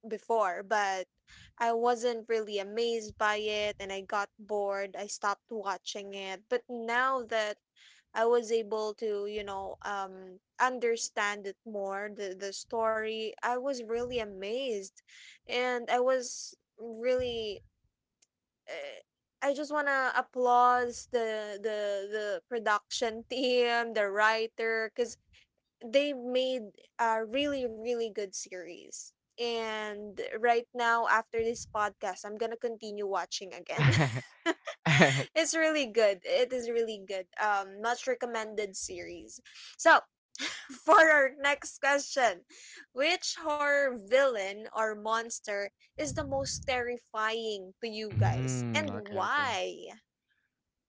S1: before, but I wasn't really amazed by it, and I got bored. I stopped watching it. But now that I was able to, you know, um understand it more, the the story, I was really amazed. And I was really uh, I just want to applause the the the production team, the writer, cuz they made a really, really good series. And right now, after this podcast, I'm gonna continue watching again. It's really good, it is really good. Um, much recommended series. So for our next question, which horror villain or monster is the most terrifying to you guys,
S3: Mm,
S1: and
S3: okay, okay.
S1: why?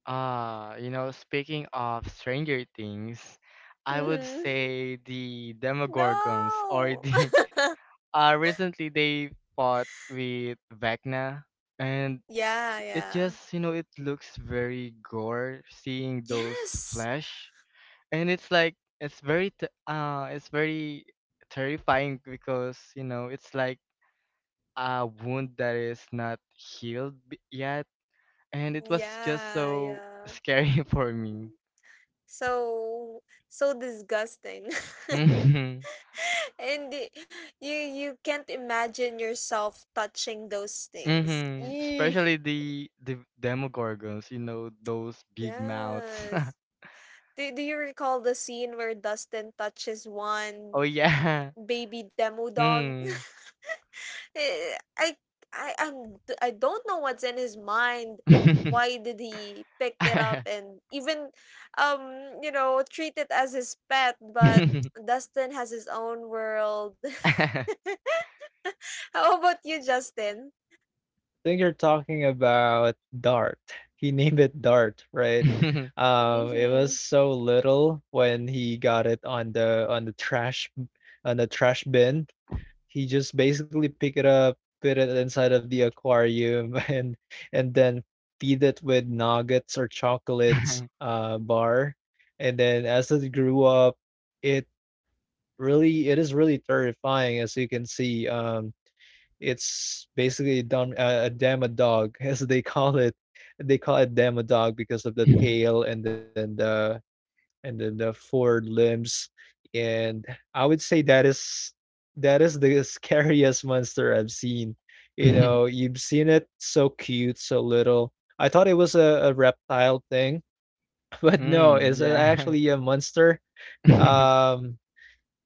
S3: Uh, you know, speaking of Stranger Things, I would
S1: Mhm.
S3: say the Demogorgons or
S1: No.
S3: the, uh recently they fought with Vecna, and
S1: Yeah,
S3: it
S1: yeah.
S3: just, you know, it looks very gore seeing those
S1: Yes.
S3: flesh, and it's like it's very t- uh it's very terrifying because, you know, it's like a wound that is not healed b- yet, and it was just
S1: Yeah,
S3: so
S1: yeah.
S3: scary for me.
S1: So so disgusting.
S3: Hmm.
S1: And y- you, you can't imagine yourself touching those things.
S3: Hmm,
S1: Eeh.
S3: especially the the demogorgons, you know, those big mouths.
S1: Yes. Do, do you recall the scene where Dustin touches one
S3: oh yeah.
S1: baby demo dog?
S3: Mm.
S1: Eh, I I, I'm, I don't know what's in his mind. Why did he pick it up and even um you know, treat it as his pet? But Dustin has his own world. How about you, Justin?
S2: I think you're talking about Dart. He named it Dart, right? Um it
S1: Mm-hmm.
S2: was so little when he got it on the on the trash, on the trash bin. He just basically pick it up, put it inside of the aquarium, and and then feed it with nuggets or chocolates, uh, bar. And then as it grew up, it really it is really terrifying, as you can see. Um, it's basically done a, dam- a dog, as they call it. They call it dog because of the tail and then the and then the four limbs, and I would say that is that is the scariest monster I've seen. You know, you've seen it so cute, so little. I thought it was a, a reptile thing, but no,
S3: Mm,
S2: it's a-
S3: yeah.
S2: actually a monster. um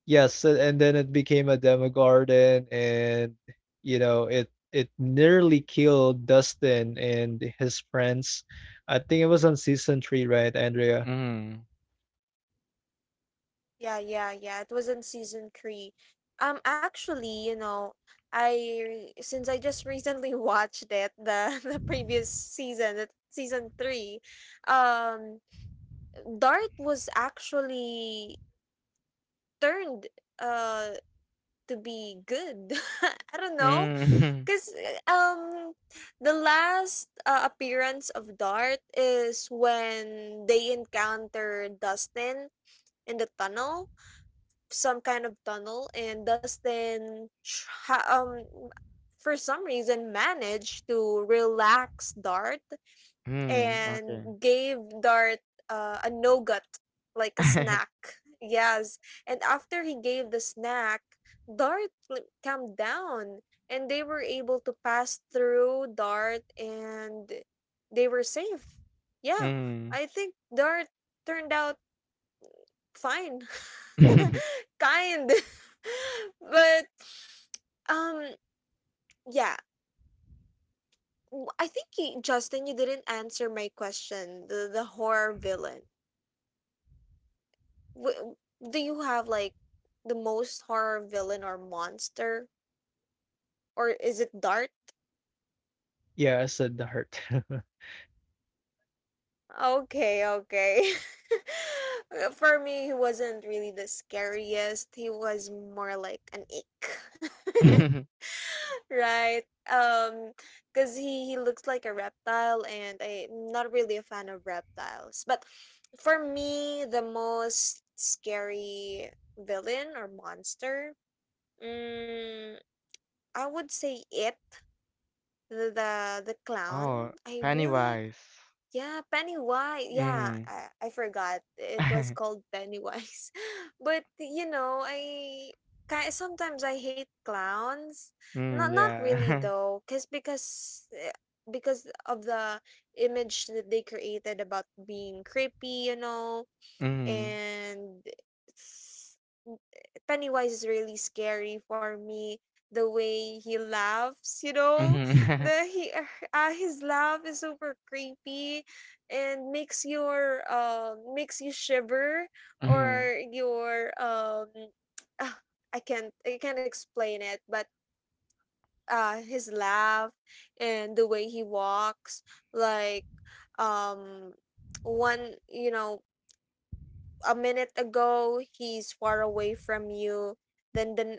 S2: yes, a- and then it became a demogarden, and you know, it it nearly killed Dustin and his friends. I think it was on season three, right, Andrea?
S3: Mm,
S1: Yeah, yeah, yeah. It was in season three. Um, actually, you know, I since I just recently watched it, the the previous season, the season three, um, Dart was actually turned uh to be good. I don't know,
S3: mm,
S1: cause uh, um the last uh, appearance of Dart is when they encounter Dustin in the tunnel, some kind of tunnel, and Dustin tr- ha- um for some reason managed to relax Dart
S3: mm,
S1: and
S3: okay.
S1: gave Dart uh, a nougat, like a snack. Yes. And after he gave the snack, Dart, like, calmed down, and they were able to pass through Dart and they were safe. Yeah.
S3: Mm.
S1: I think Dart turned out fine. Kind. but um yeah, w- I think you, Justin, you didn't answer my question. The the horror villain. W- do you have like the most horror villain or monster, or is it Dart?
S2: Yeah, I said the heart.
S1: Okay, okay. Uh, For me, he wasn't really the scariest. He was more like an ick. Right? Um, because he, he looks like a reptile, and I'm not really a fan of reptiles. But for me, the most scary villain or monster, mm, I would say it. The the the
S3: Oh,
S1: clown? I really—
S3: Pennywise.
S1: yeah, Pennywise. Yeah,
S3: Mm.
S1: I, I forgot. It was called Pennywise. But you know, I ki- sometimes I hate clowns. Not
S3: Mm,
S1: not really
S3: yeah.
S1: though, cause because eh, because of the image that they created about being creepy, you know,
S3: Mm.
S1: and it's- Pennywise is really scary for me. The way he laughs, you know,
S3: Mhm.
S1: the he uh, uh, his laugh is super creepy, and makes your um makes you shiver
S3: Mhm.
S1: or your um ah, I can't I can't explain it, but uh his laugh and the way he walks, like, um one, you know, a minute ago he's far away from you, then then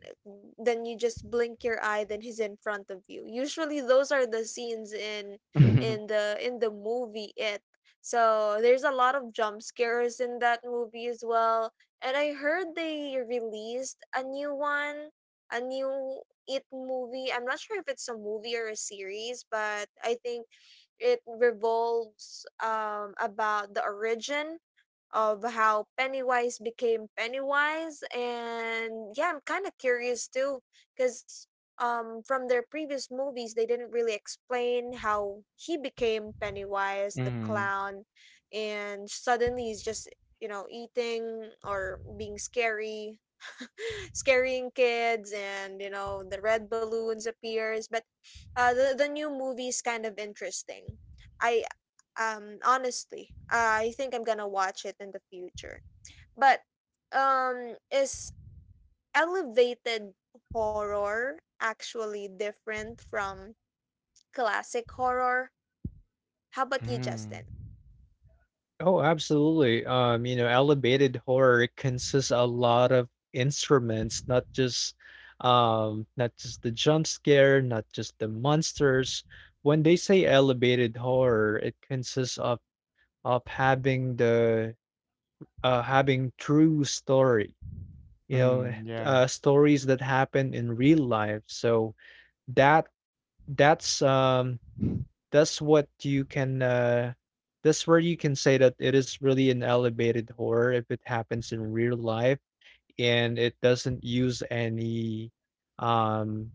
S1: then you just blink your eye, then he's in front of you. Usually those are the scenes in
S3: Mhm.
S1: in the in the movie. It So there's a lot of jump scares in that movie as well, and I heard they released a new one, a new It movie. I'm not sure if it's a movie or a series, but I think it revolves um about the origin of how Pennywise became Pennywise. And yeah, I'm kind of curious too, because um, from their previous movies, they didn't really explain how he became Pennywise, the
S3: Mhm.
S1: clown, and suddenly he's just, you know, eating or being scary. Scaring kids, and you know, the red balloons appears. But uh the, the new movie is kind of interesting. I um, Honestly, I think I'm gonna watch it in the future. But um, is elevated horror actually different from classic horror? How about you,
S3: Mhm.
S1: Justin?
S2: Oh, absolutely. Um, you know, elevated horror, it consists a lot of instruments. Not just um, not just the jump scare, not just the monsters. When they say elevated horror, it consists of of having the, uh, having true story. You know, eh,
S3: Mm, yeah.
S2: uh, stories that happen in real life. So that that's um, that's what you can uh that's where you can say that it is really an elevated horror if it happens in real life, and it doesn't use any um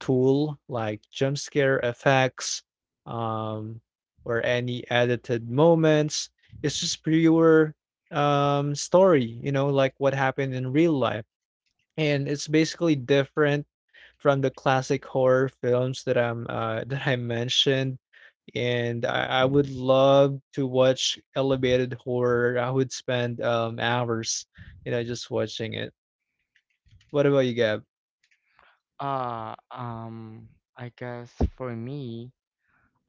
S2: tool like jump scare effects, um or any edited moments. It's just pure, um story, you know, like what happened in real life. And it's basically different from the classic horror films that I'm uh that I mentioned. And I, I would love to watch elevated horror. I would spend um hours, you know, just watching it. What about you, Gab?
S3: Uh, um, I guess for me,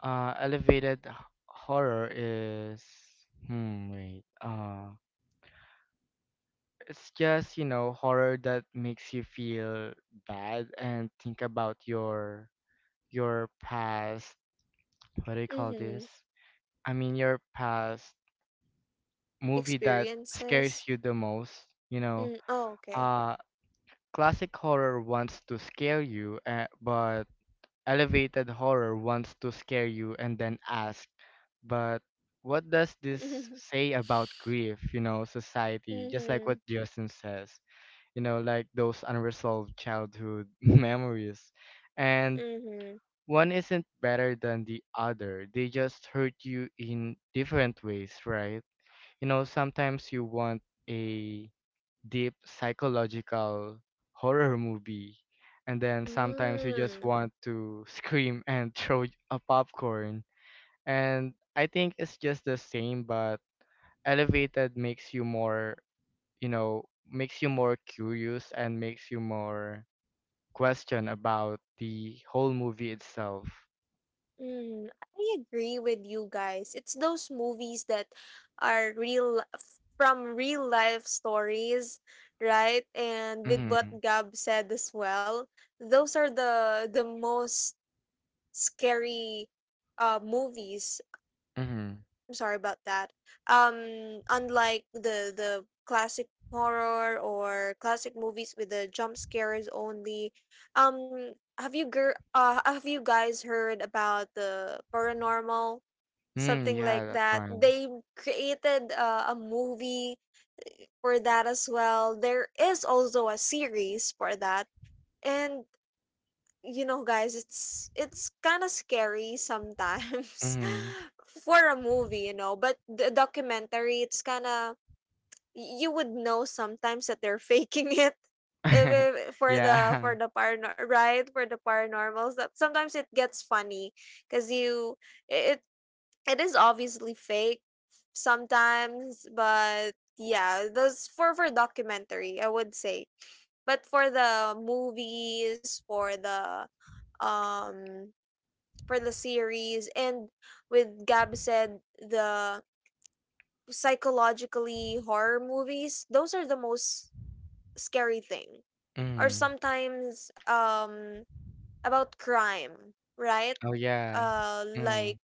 S3: uh, elevated h- horror is, hmm, wait, uh, it's just, you know, horror that makes you feel bad and think about your your past. What do you call
S1: Mm-hmm.
S3: this? I mean, your past movie that scares
S1: Experiences.
S3: you the most. You know,
S1: Mm, oh, okay.
S3: uh, classic horror wants to scare you, uh, but elevated horror wants to scare you and then ask, but what does this
S1: Mm-hmm.
S3: say about grief? You know, society, just like what Justin says. You know, like those unresolved childhood memories. And
S1: Mm-hmm.
S3: one isn't better than the other. They just hurt you in different ways, right? You know, sometimes you want a deep psychological horror movie, and then sometimes you just
S1: Mm.
S3: want to scream and throw a popcorn. And I think it's just the same, but elevated makes you more, you know, makes you more curious and makes you more question about the whole movie itself.
S1: Mm, I agree with you guys. It's those movies that are real f- from real life stories, right? And with what
S3: Mm-hmm.
S1: Gab said as well, those are the the most scary uh movies—
S3: Mm-hmm.
S1: I'm sorry about that. Um, unlike the the classic horror or classic movies with the jump scares only, um, have you gir- uh, have you guys heard about the paranormal
S3: Mm,
S1: something
S3: yeah,
S1: like
S3: that's
S1: that?
S3: right.
S1: They created uh, a movie for that as well. There is also a series for that, and you know guys, it's it's kind of scary sometimes
S3: Mm-hmm.
S1: for a movie, you know, but the documentary, it's kind of— you would know sometimes that they're faking it. If, if- for the
S3: Yeah.
S1: for the parano- right, for the paranormals, that sometimes it gets funny because you— it it is obviously fake sometimes, but yeah, those— for for documentary, I would say. But for the movies, for the um for the series, and with Gab said, the psychologically horror movies, those are the most scary thing. Or
S3: Mm.
S1: sometimes um about crime, right?
S3: Oh yeah.
S1: Uh,
S3: Mm.
S1: like,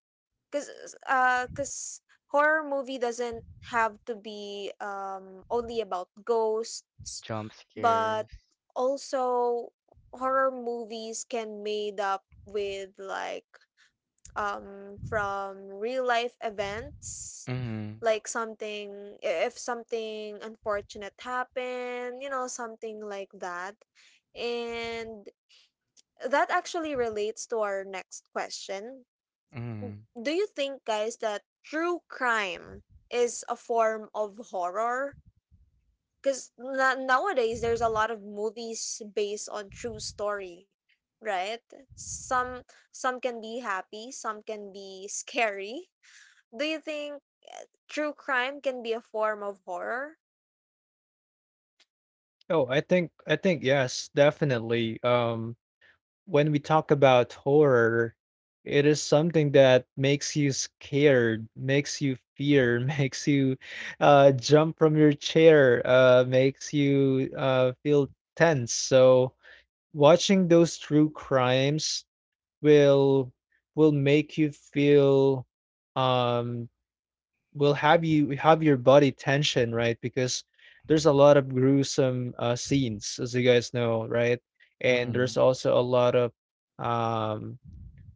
S1: cause uh, cause horror movie doesn't have to be um only about ghosts,
S3: Jump
S1: but
S3: scares.
S1: also horror movies can made up with, like, um from real life events,
S3: Mm.
S1: like something— i- if something unfortunate happened, you know, something like that. And that actually relates to our next question.
S3: Mm.
S1: Do you think, guys, that true crime is a form of horror? Because na- nowadays there's a lot of movies based on true story, right? Some— some can be happy, some can be scary. Do you think true crime can be a form of horror?
S2: Oh, I think I think yes, definitely. Um, when we talk about horror, it is something that makes you scared, makes you fear, makes you uh jump from your chair, uh makes you uh feel tense. So watching those true crimes will will make you feel, um will have you have your body tension, right? Because there's a lot of gruesome, uh, scenes, as you guys know, right? And there's
S3: Mm.
S2: also a lot of um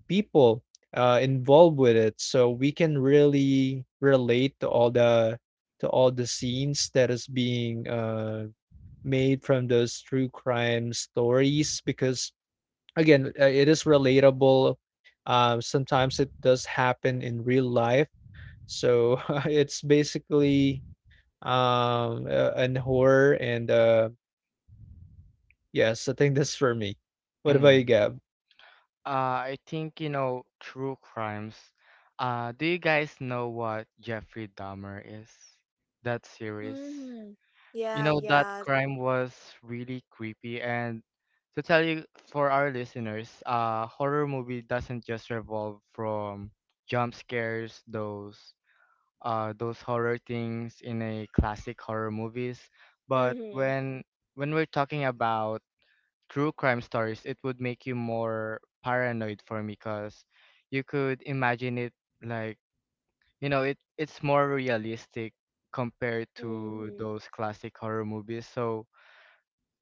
S2: people uh involved with it, so we can really relate to all the, to all the scenes that is being uh made from those true crime stories, because again, uh, it is relatable. Um, sometimes it does happen in real life. So it's basically um, uh, an horror. And uh, yes, I think that's for me. What about you,
S3: Mm.
S2: Gab?
S3: Uh, I think, you know, true crimes. Uh, do you guys know what Jeffrey Dahmer is? That series.
S1: Mm-hmm.
S3: You
S1: Yeah,
S3: know, that
S1: yeah.
S3: crime was really creepy. And to tell you, for our listeners, uh, horror movie doesn't just revolve from jump scares, those uh, those horror things in a classic horror movies. But
S1: Mm-hmm.
S3: when when we're talking about true crime stories, it would make you more paranoid for me, because you could imagine it, like, you know, it it's more realistic compared to
S1: Mm-hmm.
S3: those classic horror movies. So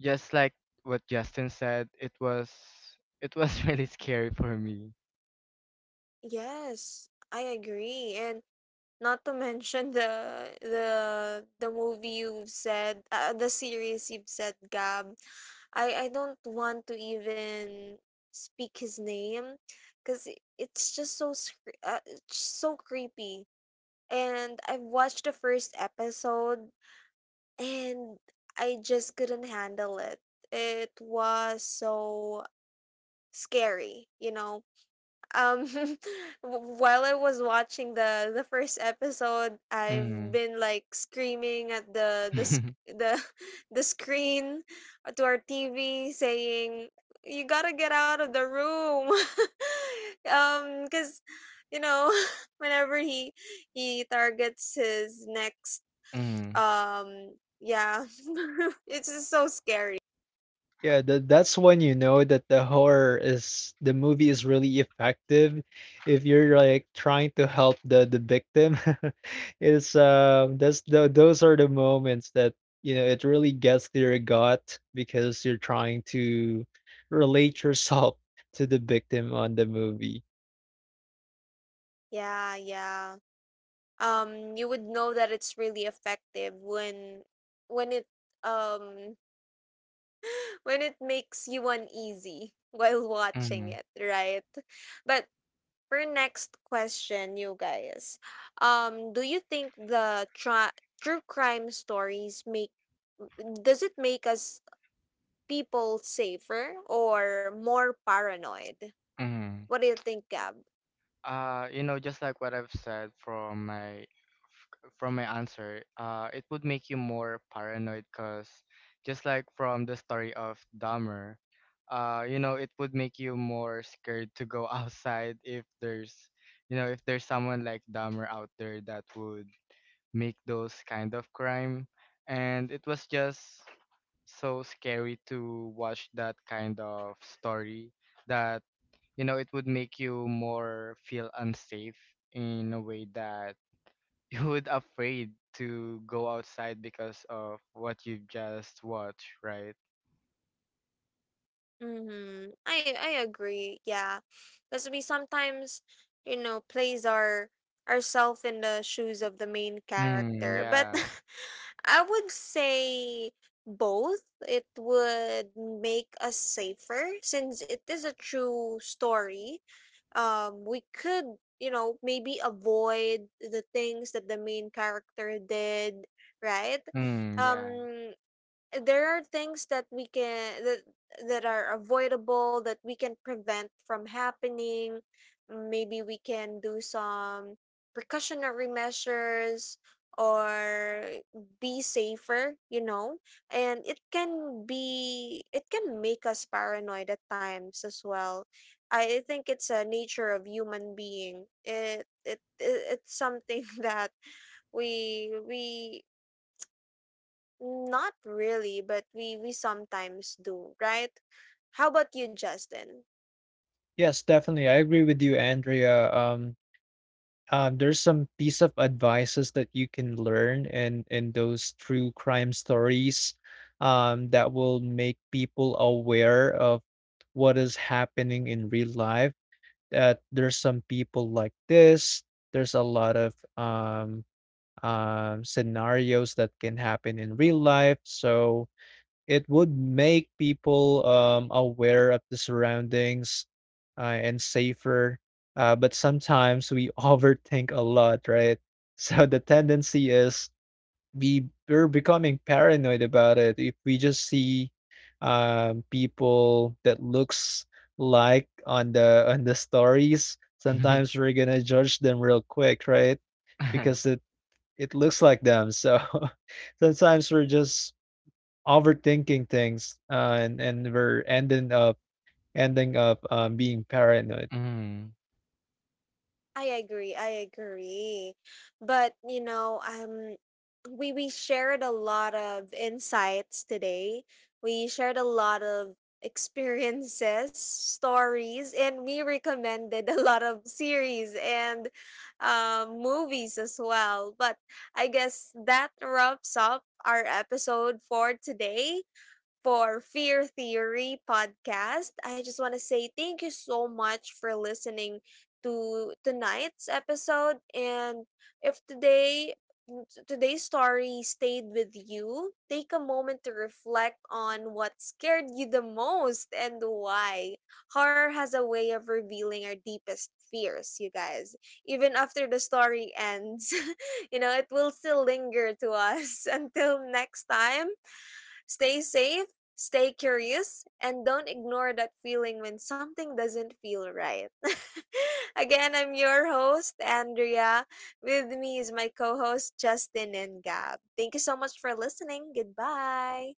S3: just like what Justin said, it was it was really scary for me.
S1: Yes, I agree. And not to mention the the the movie you've said, uh, uh, the series you've said, Gab. I I don't want to even speak his name, cause i- it's just so scre- uh, it's so creepy. And I've watched the first episode, and I just couldn't handle it. It was so scary, you know, um w- while I was watching the the first episode, I've
S3: Mm.
S1: been like screaming at the the sc- the the screen, uh, to our T V, saying, "You got to get out of the room." Um cuz you know, whenever he he targets his next
S3: mm.
S1: um yeah, it's just so scary.
S2: Yeah, that that's when you know that the horror is the movie is really effective. If you're like trying to help the the victim, it's um that's the, those are the moments that, you know, it really gets to your gut because you're trying to relate yourself to the victim on the movie.
S1: Yeah, yeah. Um you would know that it's really effective when when it um when it makes you uneasy while
S3: Mm.
S1: watching it, right? But for next question, you guys, um do you think the tra- true crime stories make— does it make us people safer or more paranoid?
S3: Mm.
S1: What do you think, Gab?
S3: Uh, you know, just like what I've said from my from my answer, uh, it would make you more paranoid, because just like from the story of Dahmer, uh, you know, it would make you more scared to go outside if there's, you know, if there's someone like Dahmer out there that would make those kind of crime, and it was just so scary to watch that kind of story, that, you know, it would make you more feel unsafe in a way, that you would afraid to go outside because of what you just watched, right?
S1: Mm-hmm. I I agree. Yeah, because we sometimes, you know, plays our ourself in the shoes of the main
S3: Mm,
S1: character. But
S3: yeah.
S1: I would say both. It would make us safer since it is a true story. Um, we could, you know, maybe avoid the things that the main character did, right?
S3: Mm, yeah.
S1: Um, there are things that we can— that that are avoidable, that we can prevent from happening. Maybe we can do some precautionary measures or be safer, you know. And it can be— it can make us paranoid at times as well. I think it's a nature of human being. It it, it it's something that we we— not really, but we we sometimes do, right? How about you, Justin?
S2: Yes, definitely, I agree with you, Andrea. Um, um, there's some piece of advices that you can learn in in those true crime stories, um, that will make people aware of what is happening in real life. That there's some people like this. There's a lot of um, um, scenarios that can happen in real life. So it would make people um, aware of the surroundings, uh, and safer. Uh, but sometimes we overthink a lot, right? So the tendency is we we're becoming paranoid about it. If we just see, um, people that looks like on the on the stories, sometimes we're gonna judge them real quick, right? Because it it looks like them. So sometimes we're just overthinking things, uh, and and we're ending up, ending up um, being paranoid
S3: mm.
S1: I agree. I agree. But, you know, um we we shared a lot of insights today. We shared a lot of experiences, stories, and we recommended a lot of series and um, movies as well. But I guess that wraps up our episode for today, for Fear Theory podcast. I just want to say thank you so much for listening to tonight's episode. And if today today's story stayed with you, take a moment to reflect on what scared you the most and why. Horror has a way of revealing our deepest fears, you guys. Even after the story ends, you know, it will still linger to us. Until next time. Stay safe, stay curious, and don't ignore that feeling when something doesn't feel right. Again, I'm your host, Andrea. With me is my co host, Justin and Gab. Thank you so much for listening. Goodbye.